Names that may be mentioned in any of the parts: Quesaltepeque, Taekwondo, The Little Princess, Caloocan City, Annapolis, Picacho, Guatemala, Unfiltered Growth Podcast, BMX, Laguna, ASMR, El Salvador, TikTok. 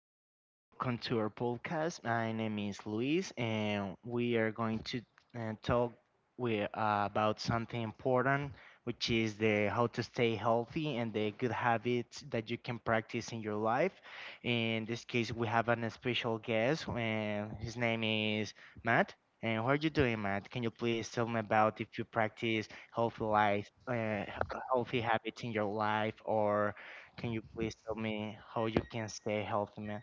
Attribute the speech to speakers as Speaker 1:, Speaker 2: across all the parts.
Speaker 1: everybody. Welcome to our podcast. My name is Luis, and we are going to talk about something important, which is the how to stay healthy and the good habits that you can practice in your life. In this case, we have an special guest, and his name is Matt. And how are you doing, Matt? Can you please tell me about if you practice healthy life, healthy habits in your life, or can you please tell me how you can stay healthy, man?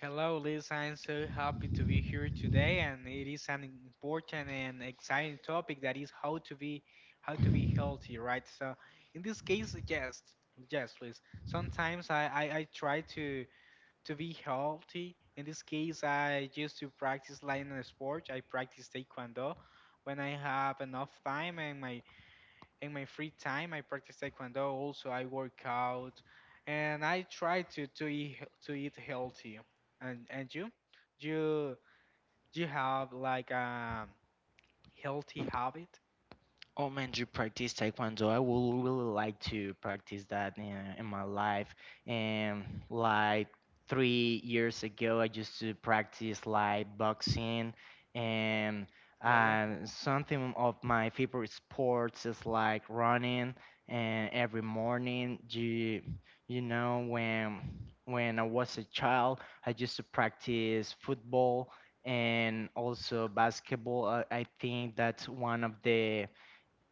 Speaker 2: Hello, Liz. I'm so happy to be here today, and it is an important and exciting topic that is how to be healthy, right? So, in this case, yes, yes, Liz. Sometimes I try to be healthy. In this case, I used to practice line sport. I practice taekwondo when I have enough time and my in my free time I practice taekwondo. Also, I work out and I try to eat healthy. And you do you do you have like a healthy habit?
Speaker 1: Oh man, to practice Taekwondo. I would really like to practice that in my life. And like 3 years ago, I used to practice like boxing and
Speaker 2: Really,
Speaker 1: something of my favorite sports is like running. And every morning, you know when I was a child, I used to practice football and also basketball. I think that's one of the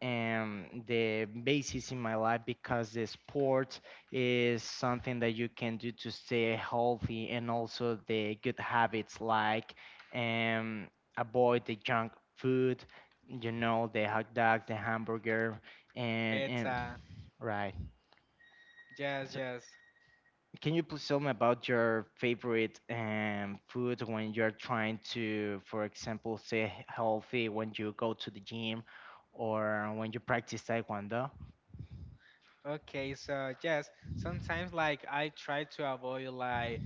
Speaker 1: um, the basis in my life because the sport is something that you can do to stay healthy and also the good habits like um, avoid the junk food, you know, the hot dogs, the hamburger, and
Speaker 2: pizza?
Speaker 1: right.
Speaker 2: Yes,
Speaker 1: So,
Speaker 2: yes.
Speaker 1: can you please tell me about your favorite food when you're trying to, for example, stay healthy when you go to the gym or when you practice Taekwondo?
Speaker 2: Okay, so yes, sometimes like I try to avoid like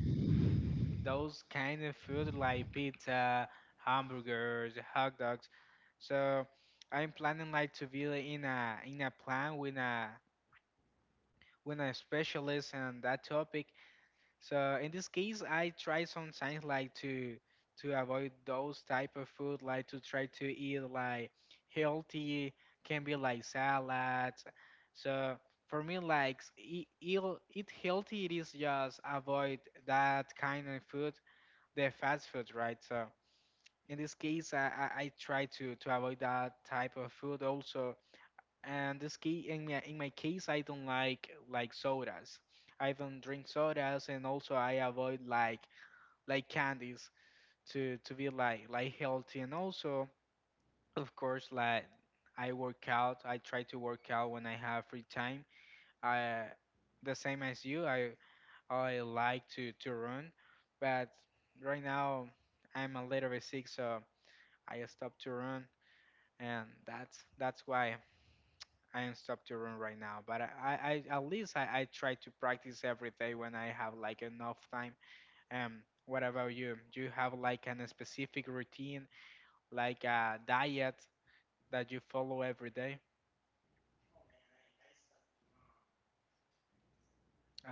Speaker 2: those kind of food, like pizza, hamburgers, hot dogs. So I'm planning like to be like, in a plan with a specialist on that topic. So in this case, I try sometimes like to avoid those type of food, like to try to eat like healthy, can be like salads. So for me, like eat healthy, it is just avoid that kind of food, the fast food, right? So in this case, I try to avoid that type of food also. And this key in my case, I don't like sodas. I don't drink sodas, and also I avoid like candies to be like healthy. And also, of course, like I work out. I try to work out when I have free time. I the same as you. I like to run, but right now I'm a little bit sick, so I stopped to run, and that's why I am stopped to run right now. But I at least I try to practice every day when I have like enough time. What about you? Do you have like an specific routine, like a diet that you follow every day?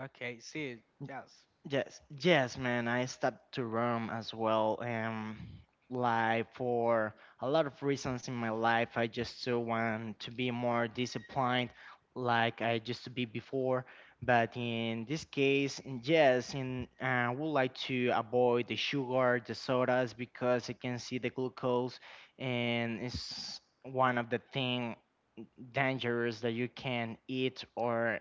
Speaker 2: Okay, see, yes.
Speaker 1: Yes, yes, man. I stopped to Rome as well. Like for a lot of reasons in my life, I just so want to be more disciplined, like I used to be before. But in this case, yes, in I would like to avoid the sugar, the sodas because I can see the glucose, and it's one of the thing dangerous that you can eat or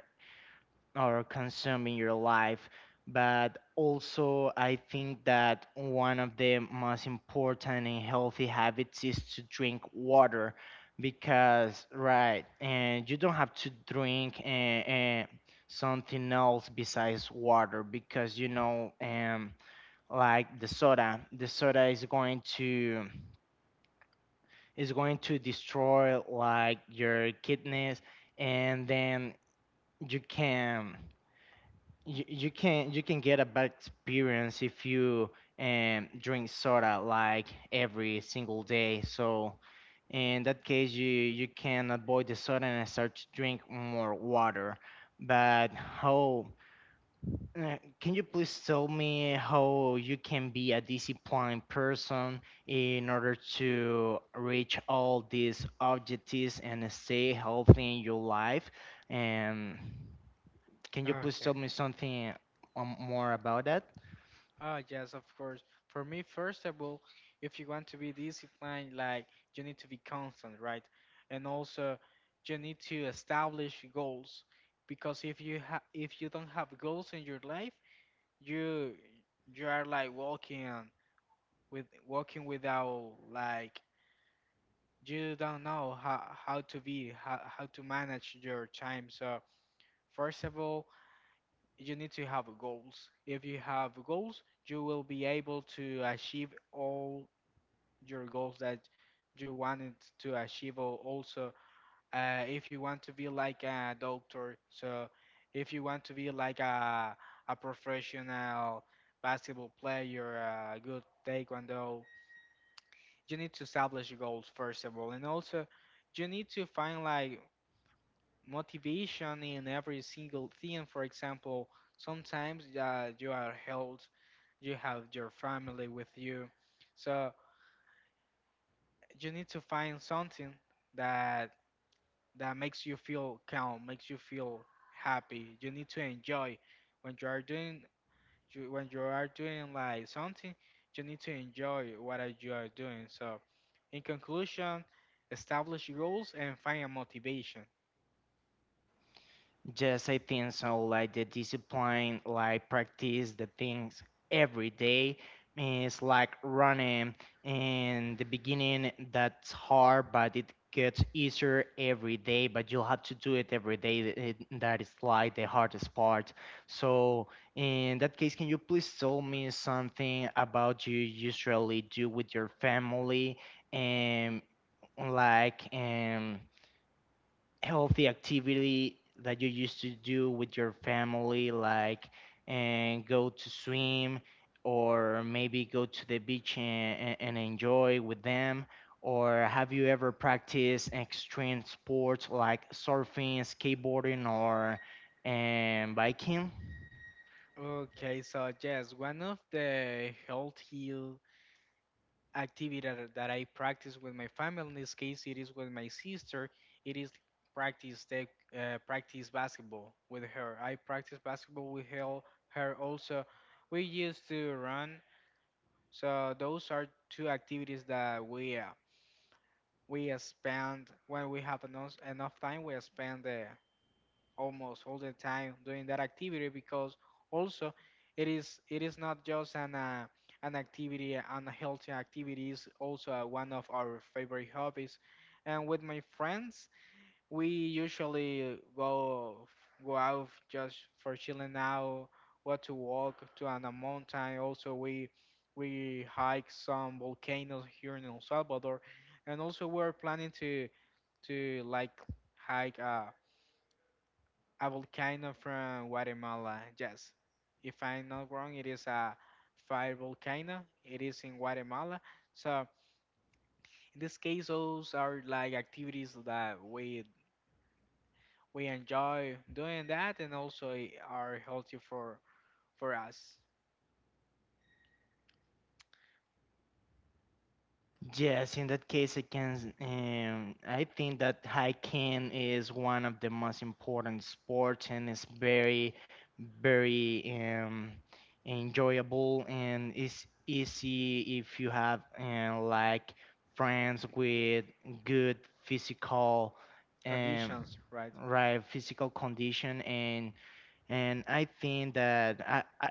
Speaker 1: consuming your life. But also, I think that one of the most important and healthy habits is to drink water because, right, and you don't have to drink something else besides water because, you know, like the soda is going to destroy like your kidneys, and then you can you can get a bad experience if you drink soda like every single day. So in that case, you can avoid the soda and start to drink more water. But how can you please tell me how you can be a disciplined person in order to reach all these objectives and stay healthy in your life? And can you please tell
Speaker 2: Okay.
Speaker 1: me something more about that?
Speaker 2: Ah, yes, of course. For me, first of all, if you want to be disciplined, like you need to be constant, right? And also, you need to establish goals, because if you ha if you don't have goals in your life, you you are like walking on- with walking without like you don't know how to be how to manage your time. So first of all, you need to have goals. If you have goals, you will be able to achieve all your goals that you wanted to achieve. Also, if you want to be like a doctor, so if you want to be like a professional basketball player, a good taekwondo, you need to establish goals first of all, and also you need to find like motivation in every single thing. For example, sometimes you are held, you have your family with you, so you need to find something that that makes you feel calm, makes you feel happy. You need to enjoy when you are doing when you are doing like something. You need to enjoy what are you are doing. So, in conclusion, establish goals and find a motivation.
Speaker 1: Yes, I think so. Like the discipline, like practice the things every day. It's like running in the beginning, that's hard, but it gets easier every day. But you have to do it every day. That is like the hardest part. So, in that case, can you please tell me something about you usually do with your family? And like, healthy activity that you used to do with your family, like and go to swim or maybe go to the beach and, and enjoy with them? Or have you ever practiced extreme sports like surfing, skateboarding, or and biking?
Speaker 2: Okay, so yes, one of the healthy activity that I practice with my family, in this case, it is with my sister. It is practice the practice basketball with her. I practice basketball with her also. We used to run, so those are two activities that we spend when we have enough time. We spend the almost all the time doing that activity because also it is not just an activity, an healthy activity, is also one of our favorite hobbies. And with my friends we usually go out just for chilling out, go to walk to an a mountain. Also, we hike some volcanoes here in El Salvador, and also we're planning to like hike a volcano from Guatemala. Yes, if I'm not wrong, it is a fire volcano. It is in Guatemala. So in this case, those are like activities that we enjoy doing that, and also are healthy for us
Speaker 1: Yes, in that case, I can. I think that hiking is one of the most important sports, and it's very, very enjoyable, and it's easy if you have like friends with good physical, um,
Speaker 2: conditions, right?
Speaker 1: right, physical condition, and I think that I, I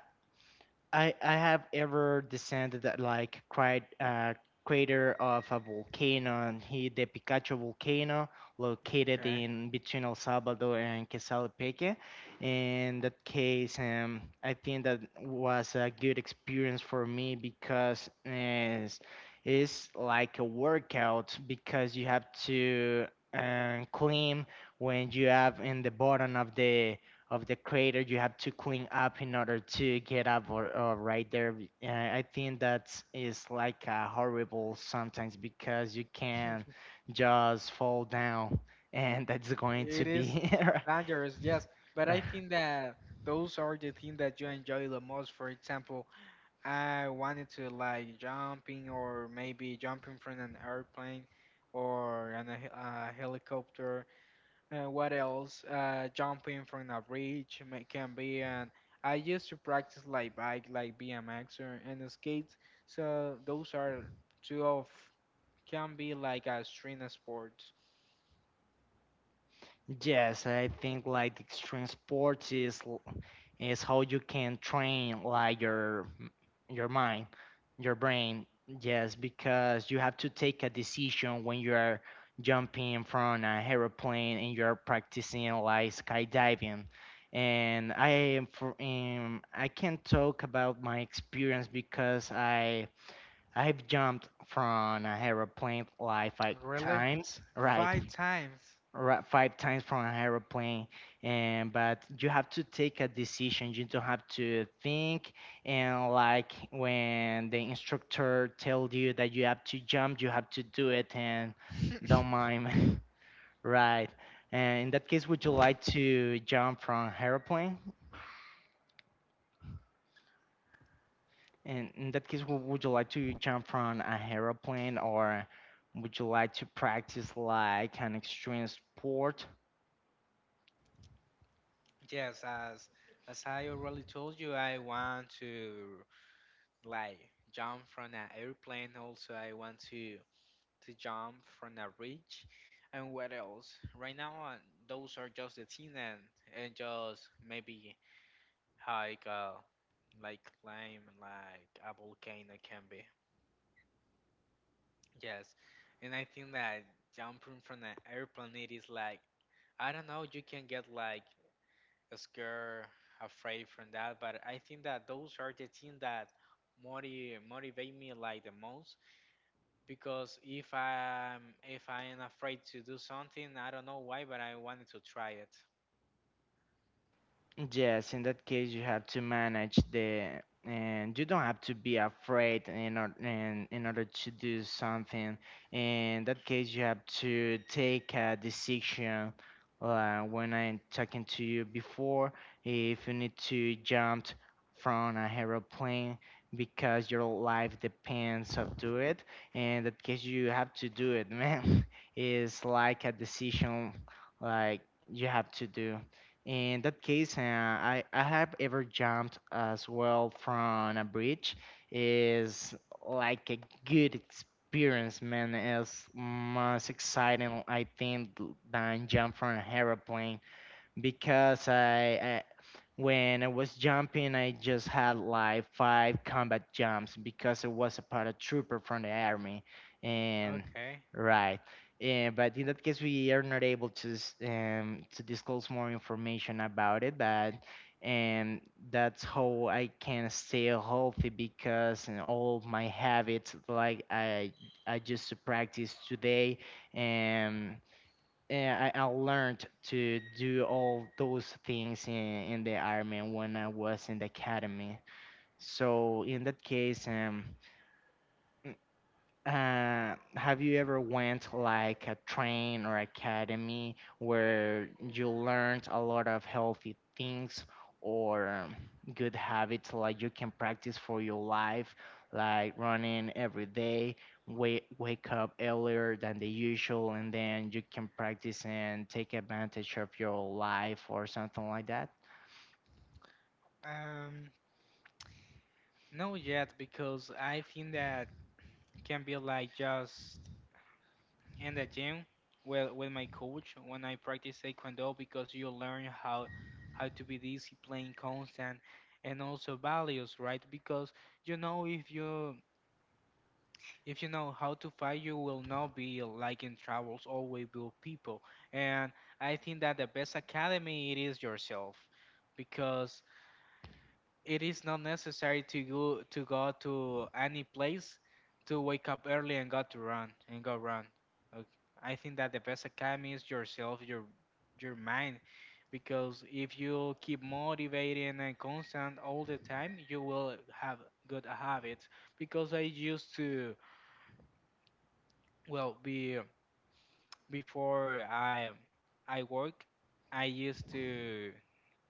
Speaker 1: I I have ever descended that like quite crater of a volcano, and he the Picacho volcano located
Speaker 2: Okay.
Speaker 1: in between El Salvador and Quesaltepeque. In that case, I think that was a good experience for me because it's like a workout because you have to climb when you have in the bottom of the crater you have to clean up in order to get up or, right there I think that is like horrible sometimes because you can just fall down and that's going to
Speaker 2: It is
Speaker 1: be
Speaker 2: dangerous, yes, but I
Speaker 1: Right.
Speaker 2: think that those are the things that you enjoy the most. For example, I wanted to like jumping or maybe jumping from an airplane or a helicopter. What else? Jumping from a bridge can be. And I used to practice like bike, like BMX or and skates. So those are two of can be like a string sport.
Speaker 1: Yes, I think like the extreme sports is is how you can train like your mind, your brain. Yes, because you have to take a decision when you are jumping from an aeroplane and you're practicing like skydiving. And I am for I can talk about my experience because I've jumped from an aeroplane like five
Speaker 2: Really?
Speaker 1: times, right?
Speaker 2: Five times.
Speaker 1: Right, 5 times from an aeroplane. And but you have to take a decision, you don't have to think, and like when the instructor tells you that you have to jump, you have to do it and don't mind. Right. And in that case, would you like to jump from an aeroplane? And in that case, would you like to jump from an aeroplane or would you like to practice like an extreme sport?
Speaker 2: Yes, as I already told you, I want to like jump from an airplane. Also, I want to jump from a bridge. And what else? Right now, those are just the thing, and just maybe hike, like climb like a volcano can be. Yes, and I think that jumping from an airplane it is like I don't know. You can get like scared, afraid from that, but I think that those are the things that motivate me like the most because if I'm if I am afraid to do something, I don't know why, but I wanted to try it.
Speaker 1: Yes, in that case, you have to manage the, and you don't have to be afraid in order to do something. In that case, you have to take a decision. When I'm talking to you before, if you need to jump from a aeroplane because your life depends of do it, in that case, you have to do it, man. It's like a decision, like you have to do. In that case, I have ever jumped as well from a bridge is like a good experience, man. It's most exciting, I think, than jump from an aeroplane because I when I was jumping, I just had like 5 combat jumps because I was a paratrooper from the army. And
Speaker 2: Okay.
Speaker 1: right. Yeah, but in that case, we are not able to disclose more information about it. But and that's how I can stay healthy because in all of my habits, like I used to practice today, and I learned to do all those things in the army when I was in the academy. So in that case, have you ever went like a train or academy where you learned a lot of healthy things or good habits like you can practice for your life, like running every day, wake up earlier than the usual, and then you can practice and take advantage of your life or something like that?
Speaker 2: Um, no yet, because I think that can be like just in the gym with my coach when I practice taekwondo, because you learn how to be disciplined, constant, and also values, right? Because you know if you if you know how to fight, you will not be like in troubles always with people. And I think that the best academy it is yourself, because it is not necessary to go to any place to wake up early and go to run and go run. Ok, I think that the best academy is yourself, your mind, because if you keep motivating and constant all the time, you will have good habits. Because I used to well be before I work, I used to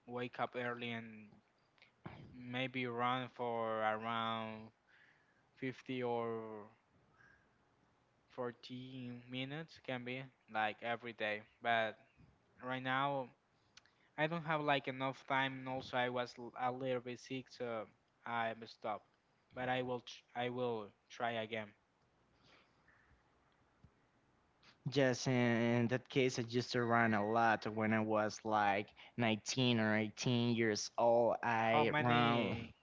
Speaker 2: wake up early and maybe run for around 50 or 40 minutes can be like every day. But right now I don't have like enough time and also I was a little bit sick so I stopped. But I will I will try again.
Speaker 1: Yes, in that case, I used to run a lot when I was like 19 or 18 years old.
Speaker 2: How
Speaker 1: I ran
Speaker 2: many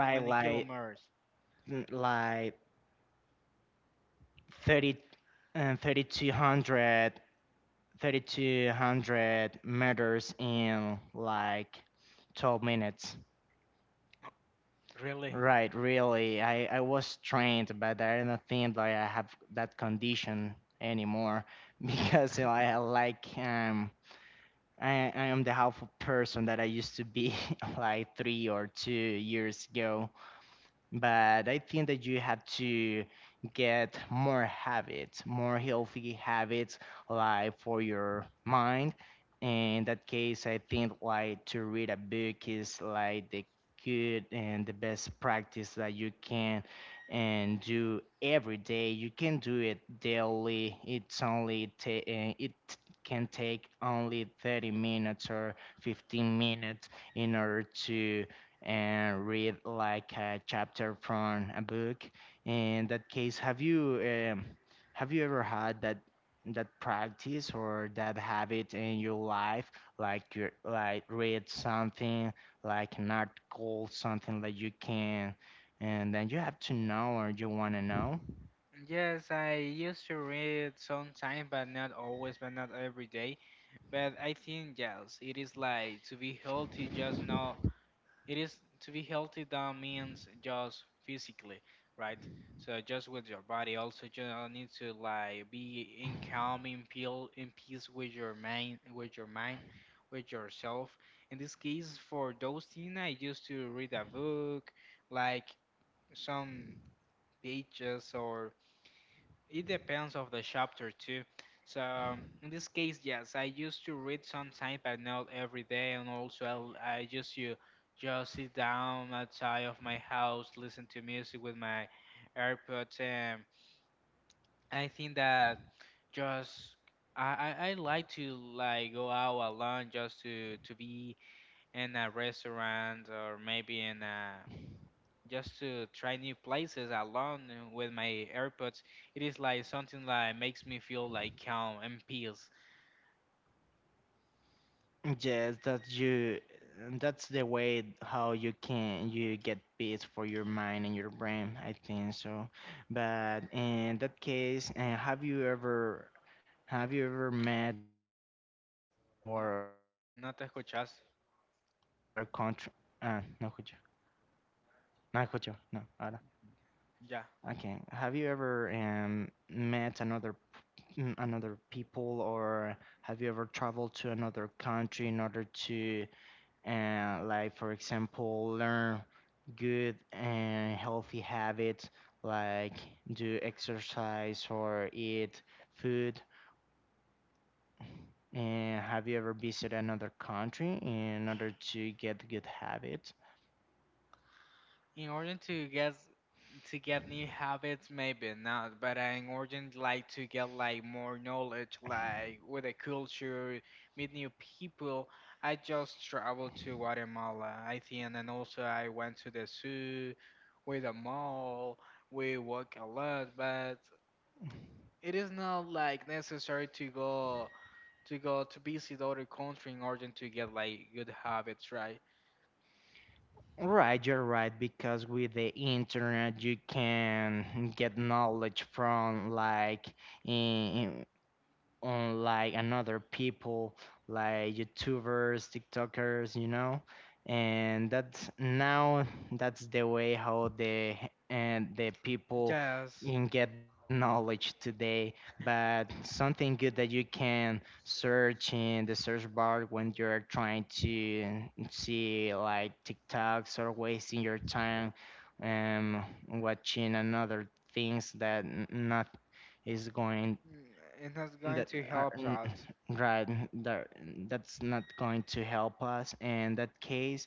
Speaker 2: how many
Speaker 1: like
Speaker 2: kilometers?
Speaker 1: like 30 and 3200 meters in like 12 minutes.
Speaker 2: Really?
Speaker 1: Right, really. I was trained, but I don't think that I have that condition anymore. Because you know, I like I am the half of person that I used to be like 3 or 2 years ago, but I think that you have to get more habits, more healthy habits, like for your mind. In that case, I think like to read a book is like the good and the best practice that you can and do every day. You can do it daily. It can take only 30 minutes or 15 minutes in order to and read like a chapter from a book. In that case, um, have you ever had that practice or that habit in your life, like you like read something like an article, something that you can, and then you have to know or you want to know?
Speaker 2: Yes, I used to read sometime, but not always, but not every day. But I think yes, it is like to be healthy. Just not it is to be healthy. That means just physically, right? So just with your body. Also, you need to like be in calm, in peace with your mind, with yourself. In this case, for those things, I used to read a book, like some pages or it depends of the chapter too. So in this case, yes, I used to read sometimes, but not every day. And also, I just you just sit down outside of my house, listen to music with my AirPods, and I think that just I like to like go out alone just to be in a restaurant or maybe in a just to try new places alone and with my AirPods. It is like something that makes me feel like calm and peace.
Speaker 1: Yes, that you that's the way how you can you get peace for your mind and your brain, I think so. But in that case, have you ever met or
Speaker 2: No te
Speaker 1: went to
Speaker 2: escuchas.
Speaker 1: another country? No, escucho. No, escucho. No, ahora.
Speaker 2: Yeah.
Speaker 1: Okay. Have you ever met another another people, or have you ever traveled to another country in order to and like for example learn good and healthy habits like do exercise or eat food, and have you ever visited another country in order to get good habits?
Speaker 2: In order to get new habits maybe not, but I'm urgent like to get like more knowledge like with the culture, meet new people. I just traveled to Guatemala, I think, and also I went to the zoo with the mall. We walk a lot, but it is not like necessary to go to visit other country in order to get like good habits, right?
Speaker 1: Right, you're right, because with the internet you can get knowledge from like in, On like another people like youtubers, tiktokers, you know, and that's now that's the way how the and the people
Speaker 2: Yes.
Speaker 1: can get knowledge today. But something good that you can search in the search bar when you're trying to see like tiktoks or wasting your time watching another things that not is going
Speaker 2: Mm, it is going
Speaker 1: that
Speaker 2: to
Speaker 1: are
Speaker 2: help us.
Speaker 1: right that that's not going to help us. In that case,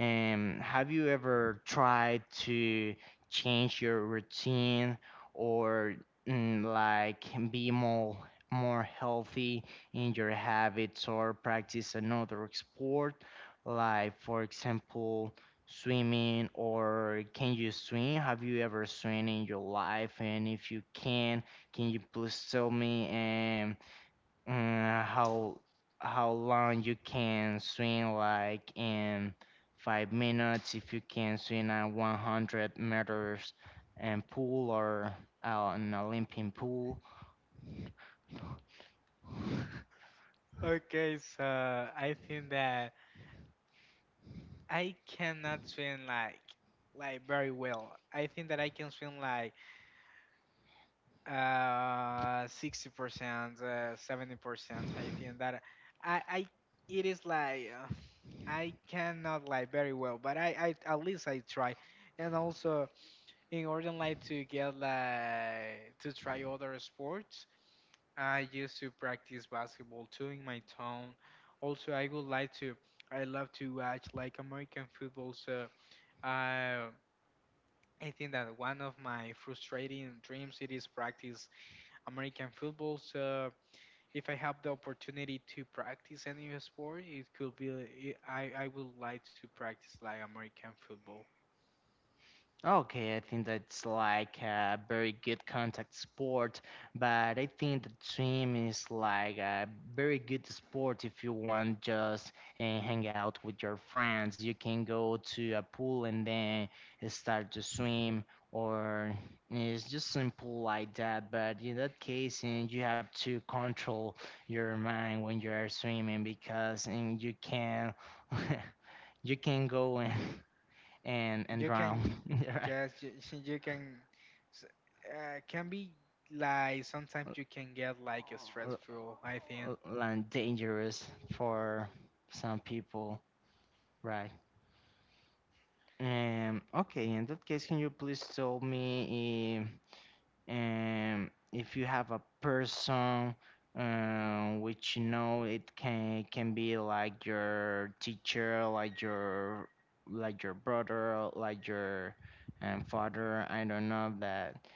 Speaker 1: have you ever tried to change your routine or like be more healthy in your habits or practice another sport like for example swimming? Or can you swim? Have you ever swim in your life? And if you can you please tell me um, uh, how how long you can swim? Like in 5 minutes, if you can swim a 100 meters and pool or an Olympic pool.
Speaker 2: Okay, so I think that I cannot swim like very well. I think that I can swim like 60%, 70%. I think that I it is like I cannot like very well, but I at least I try. And also in order like to get like to try other sports, I used to practice basketball too in my town. Also, I would like to, I love to watch like American football. So, uh, I think that one of my frustrating dreams it is practice American football. So, if I have the opportunity to practice any sport, it could be, I would like to practice like American football.
Speaker 1: Okay, I think that's like a very good contact sport, but I think the swim is like a very good sport if you want just hang out with your friends. You can go to a pool and then start to swim, or it's just simple like that. But in that case, you have to control your mind when you are swimming because and you can you can go and and
Speaker 2: You
Speaker 1: drown,
Speaker 2: can
Speaker 1: right?
Speaker 2: just you, you can s- can be like sometimes you can get like
Speaker 1: l-
Speaker 2: stressful. I think.
Speaker 1: land dangerous for some people, right? Okay, in that case, can you please tell me? And if you have a person which it can be like your teacher like your brother like your father I don't know that,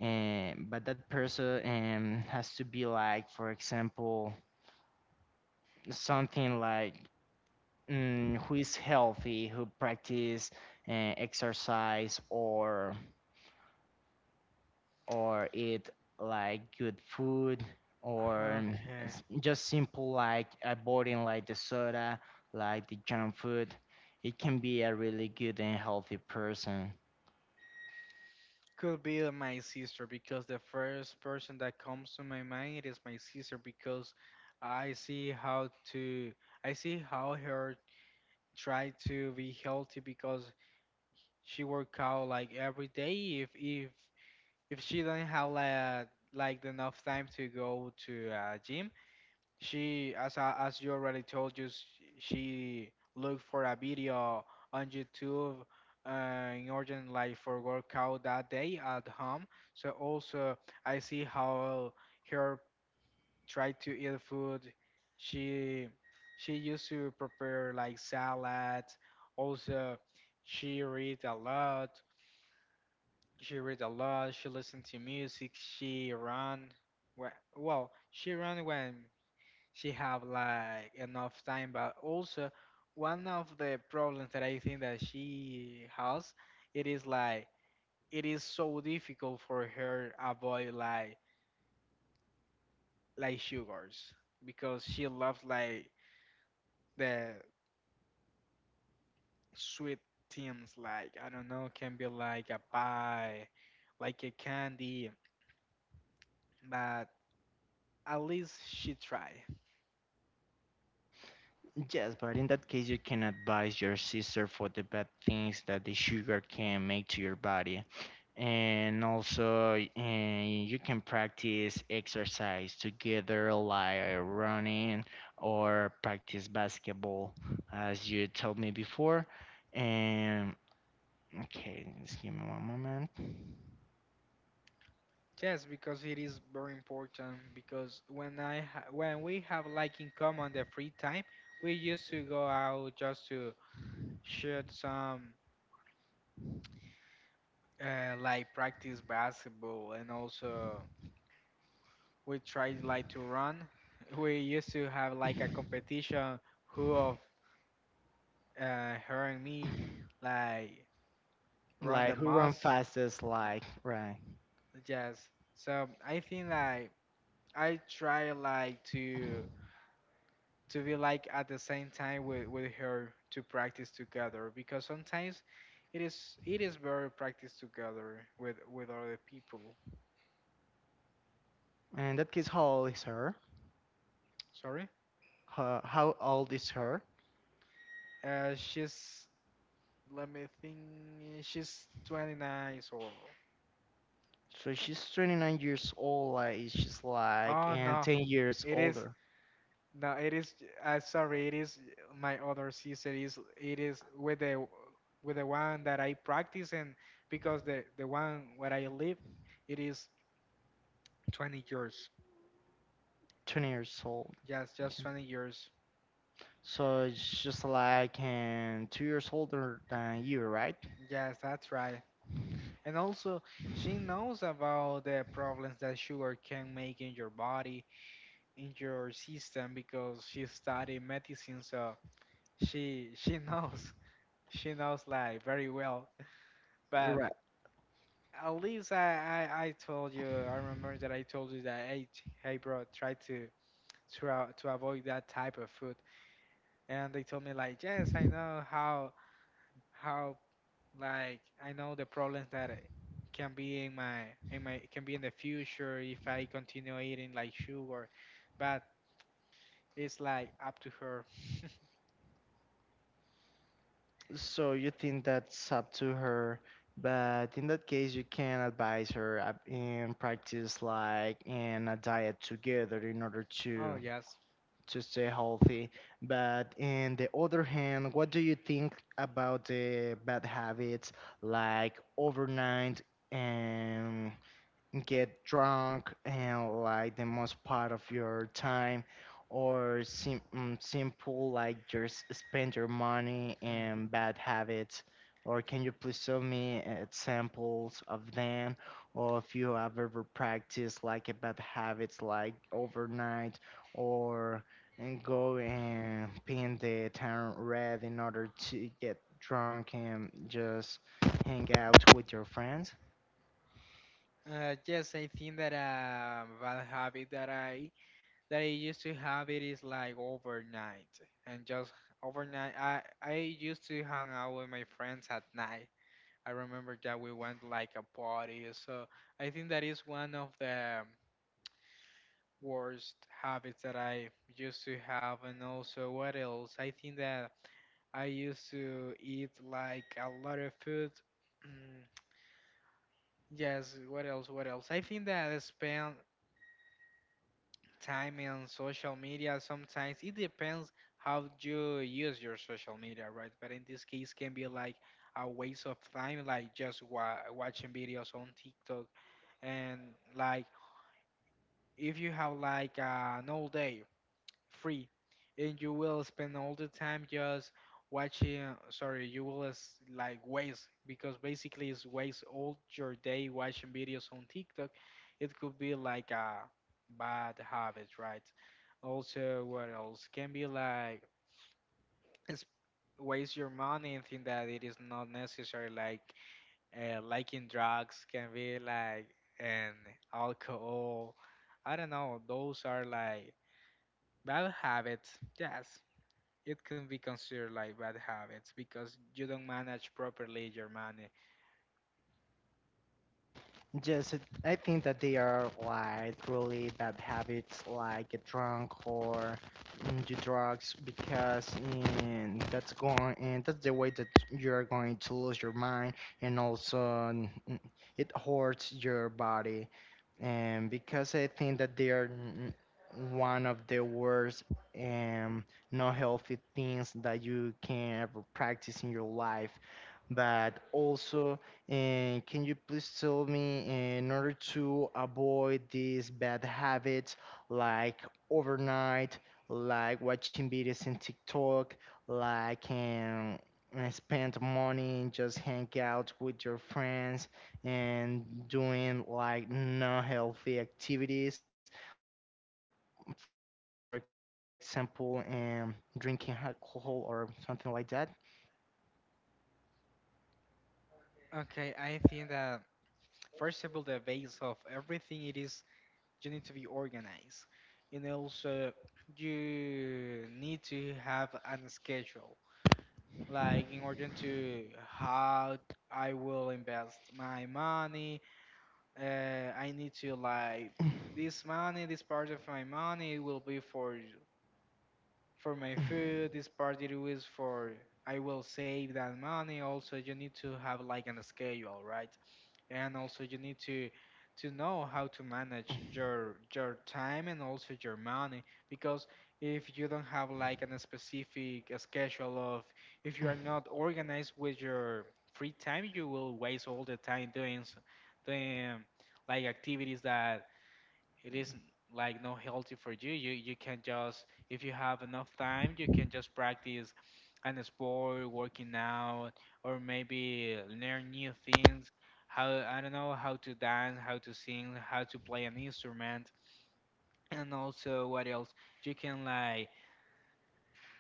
Speaker 1: but that person has to be like, for example, something like who is healthy, who practice exercise or eat like good food, or
Speaker 2: Okay,
Speaker 1: just simple like avoiding like the soda, like the junk food. It can be a really good and healthy person.
Speaker 2: could be my sister because the first person that comes to my mind is my sister because I see how to I see how her try to be healthy because she work out like every day. If she doesn't have like enough time to go to a gym, she, as you already told you, she look for a video on YouTube, in order like for workout that day at home. So also I see how her try to eat food. She she used to prepare like salad. Also, she read a lot. She read a lot. She listened to music. She ran. Well, she ran when she have like enough time. But also, one of the problems that I think that she has, it is like it is so difficult for her avoid like sugars because she loves like the sweet things. Like, I don't know, can be like a pie, like a candy, but at least she try.
Speaker 1: Yes, but in that case, you can advise your sister for the bad things that the sugar can make to your body. And also and you can practice exercise together, like running or practice basketball, as you told me before, and okay, just give me one moment,
Speaker 2: Yes, because it is very important. Because when we have like in common the free time, we used to go out just to shoot some, like practice basketball, and also we tried like to run. We used to have like a competition who of, her and me like run
Speaker 1: like
Speaker 2: the
Speaker 1: who run
Speaker 2: most.
Speaker 1: fastest, like right.
Speaker 2: Yes, so I think like I try like to be like at the same time with her to practice together because sometimes it is better practice together with other people.
Speaker 1: And in that case, how old is her
Speaker 2: Sorry,
Speaker 1: how old is her
Speaker 2: she's, let me think, she's 29. So,
Speaker 1: so she's 29 years old, like she's like
Speaker 2: oh
Speaker 1: and
Speaker 2: no,
Speaker 1: 10 years
Speaker 2: it is
Speaker 1: older,
Speaker 2: no it is, sorry, it is my other sister, is it is with the one that I practice. And because the one where I live, it is 20 years.
Speaker 1: 20 years old.
Speaker 2: Just 20 years.
Speaker 1: So it's just like, 2 years older than you, right?
Speaker 2: Yes, that's right. And also, she knows about the problems that sugar can make in your body, in your system, because she studied medicine, so she knows. She knows like very well. But
Speaker 1: Right.
Speaker 2: at least I told you, I remember that I told you that, hey, hey bro, try to avoid that type of food. And they told me like, yes, I know how like I know the problems that it can be in my can be in the future if I continue eating like sugar, but it's like up to her.
Speaker 1: So you think that's up to her, but in that case, you can advise her and practice like in a diet together in order
Speaker 2: Oh
Speaker 1: to
Speaker 2: yes.
Speaker 1: to stay healthy. But in the other hand, what do you think about the bad habits like overnight? And get drunk, and like the most part of your time, or simple like just spend your money in bad habits? Or can you please show me examples of them, or if you have ever practiced like a bad habits like overnight or and go and paint the town red in order to get drunk and just hang out with your friends?
Speaker 2: Hmm. Yes, I think that a bad habit that I used to have, it is like overnight and just overnight. I used to hang out with my friends at night. I remember that we went like a party, so I think that is one of the, worst habits that I used to have. And also, what else? I think that I used to eat like a lot of food. Mm, yes, what else? What else? I think that I spend time on social media sometimes. It depends how you use your social media, right? But in this case, can be like a waste of time, like just watching videos on TikTok. And like if you have like an all day free, and you will spend all the time just watching, sorry, you will like waste, because basically it's waste all your day watching videos on TikTok. It could be like a bad habit, right? Also, what else? Can be like it's waste your money, and think that it is not necessary, like, liking drugs, can be like, and alcohol, I don't know, those are like bad habits. Yes, it can be considered like bad habits because you don't manage properly your money.
Speaker 1: Yes, I think that they are like really bad habits, like get drunk or do drugs, because that's going, and that's the way that you're going to lose your mind, and also, it hurts your body. And because I think that they are one of the worst and not healthy things that you can ever practice in your life. But also, can you please tell me, in order to avoid these bad habits like overnight, like watching videos in TikTok, like spend money and just hang out with your friends and doing like not healthy activities, for example, drinking alcohol or something like that?
Speaker 2: Okay, I think that first of all, the base of everything, it is you need to be organized, and also you need to have an schedule, like in order to how I will invest my money. Uh, I need to like this money, this part of my money will be for my food. This part, it was for I will save that money. Also, you need to have like an schedule, right? And also you need to know how to manage your time and also your money, because if you don't have like an specific schedule, of, if you are not organized with your free time, you will waste all the time doing, the, like activities that it isn't like not healthy for you. You can just, if you have enough time, you can just practice an sport, working out, or maybe learn new things. How, I don't know how to dance, how to sing, how to play an instrument, and also what else, you can like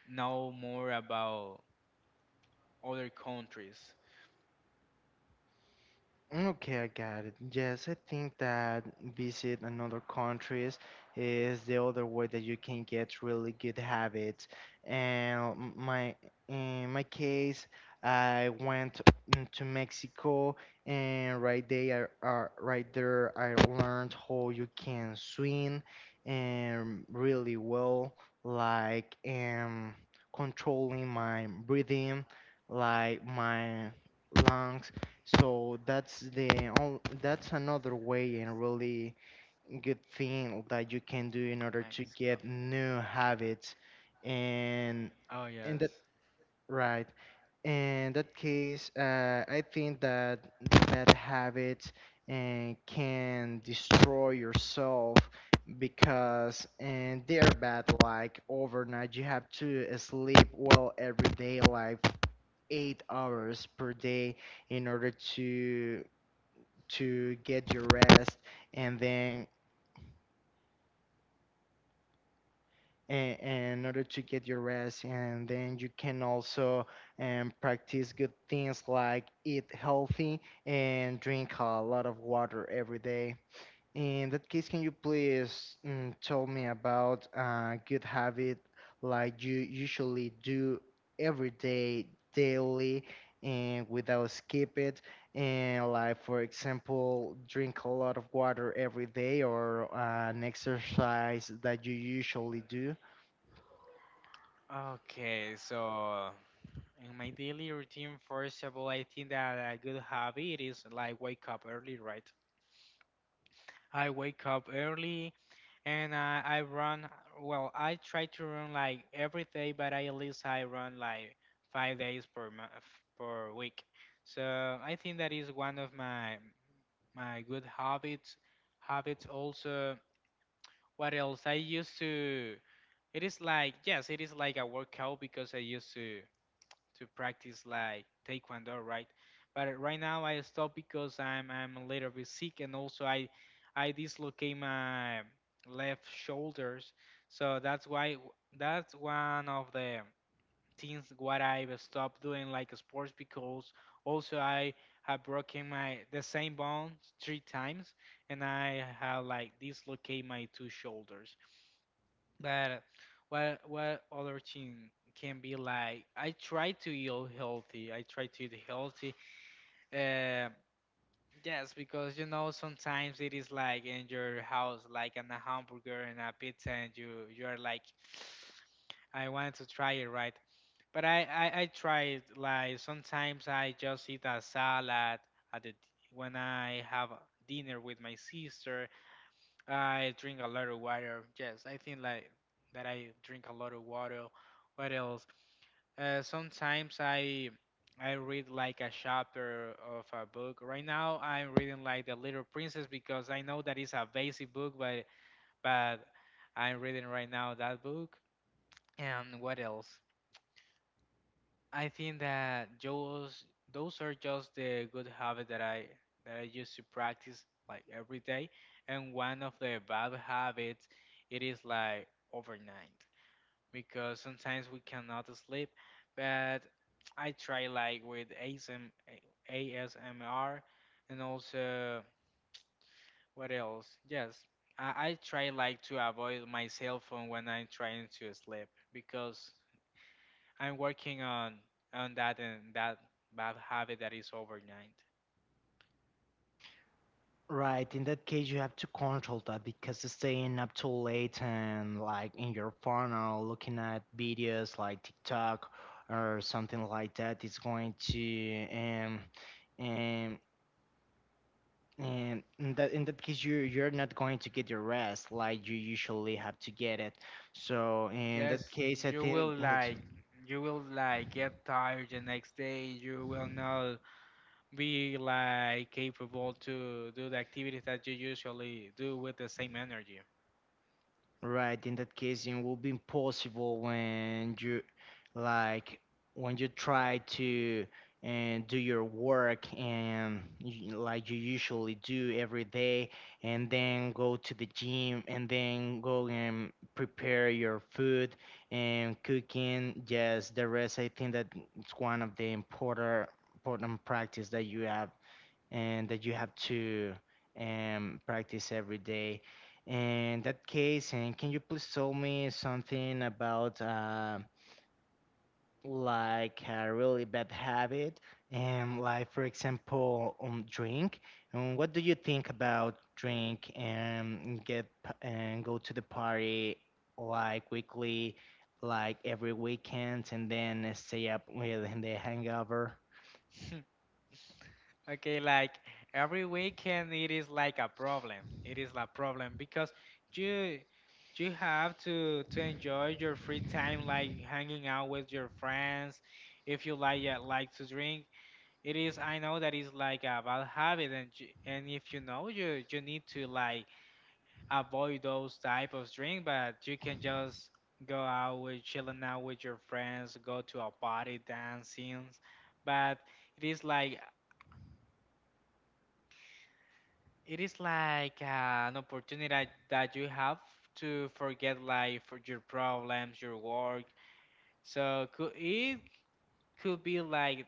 Speaker 2: know more about other countries.
Speaker 1: Okay, I got it. Yes, I think that visit another countries is the other way that you can get really good habits. And m- my in my case, I went to Mexico, and right there, right there, I learned how you can swim, and really well, like controlling my breathing, like my lungs. So that's that's another way and really good thing that you
Speaker 2: Mexico.
Speaker 1: can do in order to get new habits,
Speaker 2: Oh
Speaker 1: and
Speaker 2: yes.
Speaker 1: in that right in that case, I think that bad habits and can destroy yourself because and they're bad like overnight. You have to sleep well every day, like 8 hours per day, in order to get your rest, and then in order to get your rest, and then you can also practice good things like eat healthy and drink a lot of water every day. In that case, can you please tell me about a good habit like you usually do every day, daily, and without skip it? And like, for example, drink a lot of water every day, or an exercise that you usually do?
Speaker 2: Okay, so in my daily routine, first of all, I think that a good habit is like wake up early, right? I wake up early and I run. Well, I try to run like every day, but I, at least I run like 5 days per week. So I think that is one of my good habits. Habits also. What else? I used to. It is like, yes, it is like a workout because I used to practice like taekwondo, right? But right now I stopped because I'm a little bit sick and also I dislocate my left shoulders, so that's why that's one of the things what I've stopped doing like sports, because also I have broken my the same bones three times, and I have like dislocate my two shoulders. But what other thing can be like? I try to eat healthy. I try to eat healthy. Uh, yes, because you know sometimes it is like in your house, like an a hamburger and a pizza, and you are like, I want to try it, right? But I try it like sometimes I just eat a salad at the when I have dinner with my sister. I drink a lot of water. Yes, I think like that I drink a lot of water. What else? Sometimes I read like a chapter of a book. Right now I'm reading like The Little Princess because I know that it's a basic book, but I'm reading right now that book. And what else? I think that those are just the good habit that I used to practice like every day. And one of the bad habits, it is like overnight because sometimes we cannot sleep. But I try like with A S M R. And also, what else? Yes. I try like to avoid my cell phone when I'm trying to sleep because I'm working on that, and that bad habit that is overnight.
Speaker 1: Right, in that case, you have to control that, because staying up too late and like in your phone or looking at videos like TikTok or something like that is going to um and in that case you're not going to get your rest like you usually have to get it. So in
Speaker 2: Yes,
Speaker 1: that case, I
Speaker 2: you will
Speaker 1: think that.
Speaker 2: like get tired the next day. You will not be like capable to do the activities that you usually do with the same energy.
Speaker 1: Right, in that case, it will be impossible when you, like, when you try to and do your work, and like you usually do every day, and then go to the gym, and then go and prepare your food and cooking. Yes, the rest, I think that it's one of the important practice that you have, and that you have to practice every day. In that case, and can you please tell me something about, like, a really bad habit, and like, for example, drink? And what do you think about drink and go to the party like weekly, like every weekend, and then stay up with the hangover?
Speaker 2: Okay, like every weekend it is like a problem. It is a problem because you you have to enjoy your free time, like hanging out with your friends. If you like, like to drink, it is. I know that is like a bad habit, and if you know you need to like avoid those type of drink, but you can just go out with chilling out with your friends, go to a party, dancing. But it is like, It is like uh, an opportunity that you have to forget like for your problems, your work. So could it could be like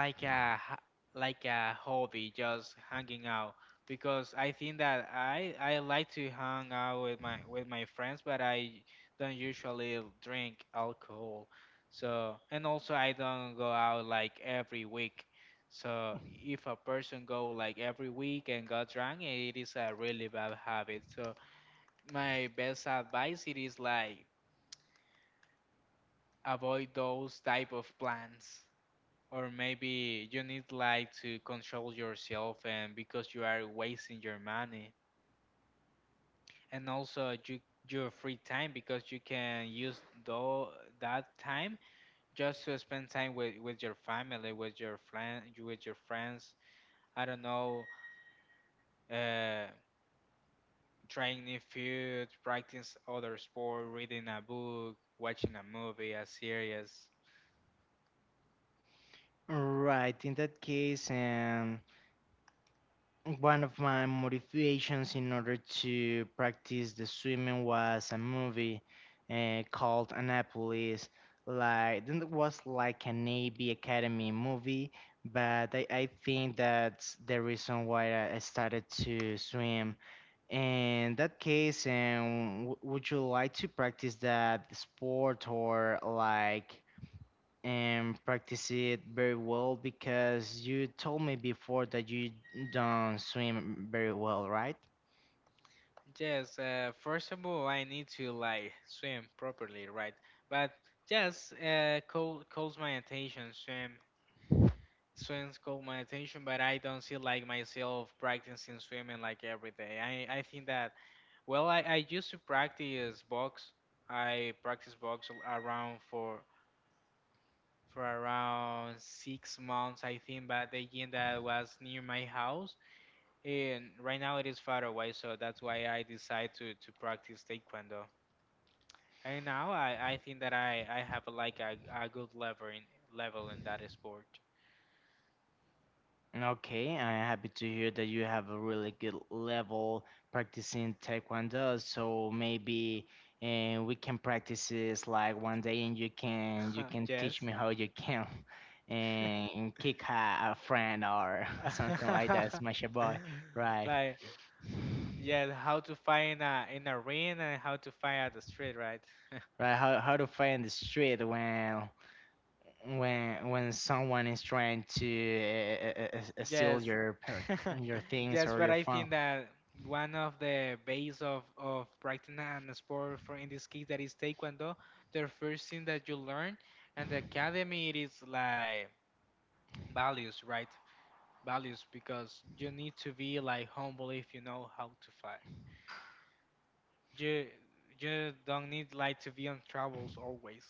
Speaker 2: a like a hobby, just hanging out, because I think that I like to hang out with my friends, but I don't usually drink alcohol, so, and also I don't go out like every week. So if a person go like every week and got drunk, it is a really bad habit. So my best advice, it is like avoid those type of plans, or maybe you need like to control yourself, and because you are wasting your money, and also your free time, because you can use though that time just to spend time with your family, with your friends. I don't know, uh, trying new food, practice other sport, reading a book, watching a movie, a series.
Speaker 1: Right, in that case, and. One of my motivations in order to practice the swimming was a movie called Annapolis. Like, then it was like an Navy Academy movie, but I think that's the reason why I started to swim. In that case, would you like to practice that sport, or like? And practice it very well, because you told me before that you don't swim very well, right?
Speaker 2: Yes, first of all, I need to like swim properly, right? But yes, calls my attention, swims call my attention, but I don't see like myself practicing swimming like every day. I think that, well, I used to practice box. I practice box around for around 6 months, I think, but the gym that was near my house, and right now it is far away, so that's why I decide to practice taekwondo. And now I think that I have like a good level in that sport.
Speaker 1: Okay, I'm happy to hear that you have a really good level practicing Taekwondo. So maybe, we can practice this like one day, and you can you can teach
Speaker 2: Yes.
Speaker 1: me how you can and kick a friend, or something like that, smash a boy, right?
Speaker 2: Like, yes, how to fight in a ring and how to fight at the street, right?
Speaker 1: Right? How to fight in the street when someone is trying to steal
Speaker 2: Yes.
Speaker 1: your per- your things
Speaker 2: Yes,
Speaker 1: or
Speaker 2: but
Speaker 1: your
Speaker 2: I
Speaker 1: phone.
Speaker 2: think that one of the base of practicing an sport for in this case that is taekwondo, the first thing that you learn and the academy, it is like values, right? Values, because you need to be like humble if you know how to fight. You you don't need like to be on travels always.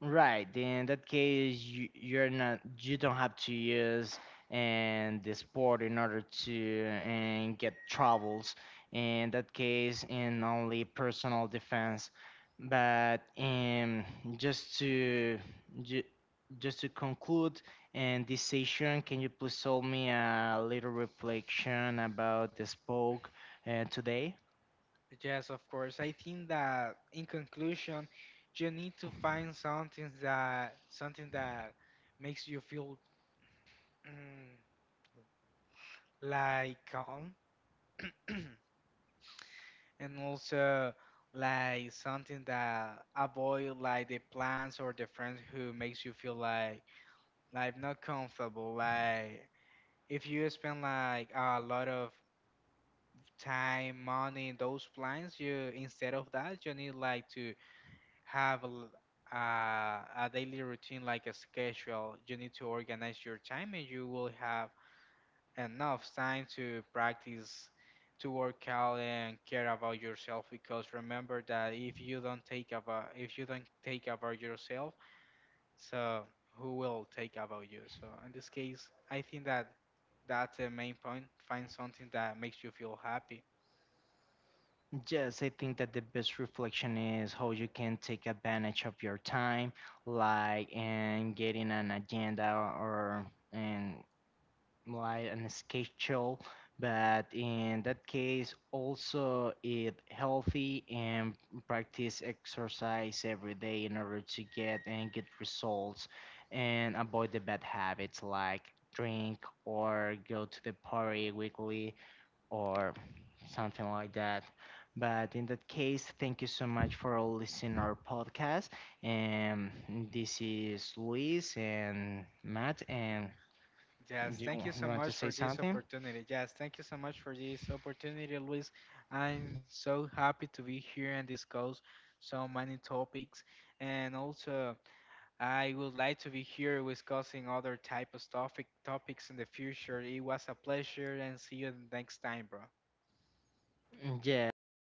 Speaker 1: Right. Then in that case, you're not, you don't have to use and the sport in order to and get troubles. In that case, in only personal defense. But just to ju- just to conclude and this session, can you please tell me a little reflection about the spoke today?
Speaker 2: Yes, of course. I think that in conclusion, you need to find something that makes you feel, mm, like calm, and also like something that avoid like the plans or the friends who makes you feel like not comfortable, like if you spend like a lot of time, money in those plans, you, instead of that, you need like to have a daily routine, like a schedule. You need to organize your time, and you will have enough time to practice, to work out, and care about yourself. Because remember that if you don't take about yourself, so who will take about you? So in this case, I think that that's the main point. Find something that makes you feel happy.
Speaker 1: Yes, I think that the best reflection is how you can take advantage of your time, like and getting an agenda, or and like an schedule. But in that case, also eat healthy and practice exercise every day in order to get and get results and avoid the bad habits like drink or go to the party weekly or something like that. But in that case, thank you so much for all listening our podcast. And this is Luis and Matt. And
Speaker 2: Yes,
Speaker 1: do
Speaker 2: thank you
Speaker 1: you
Speaker 2: so
Speaker 1: want to
Speaker 2: much
Speaker 1: say
Speaker 2: for this
Speaker 1: something?
Speaker 2: opportunity. Yes, thank you so much for this opportunity, Luis. I'm so happy to be here and discuss so many topics, and also I would like to be here discussing other type of topics in the future. It was a pleasure, and see you next time, bro.
Speaker 1: Yes, in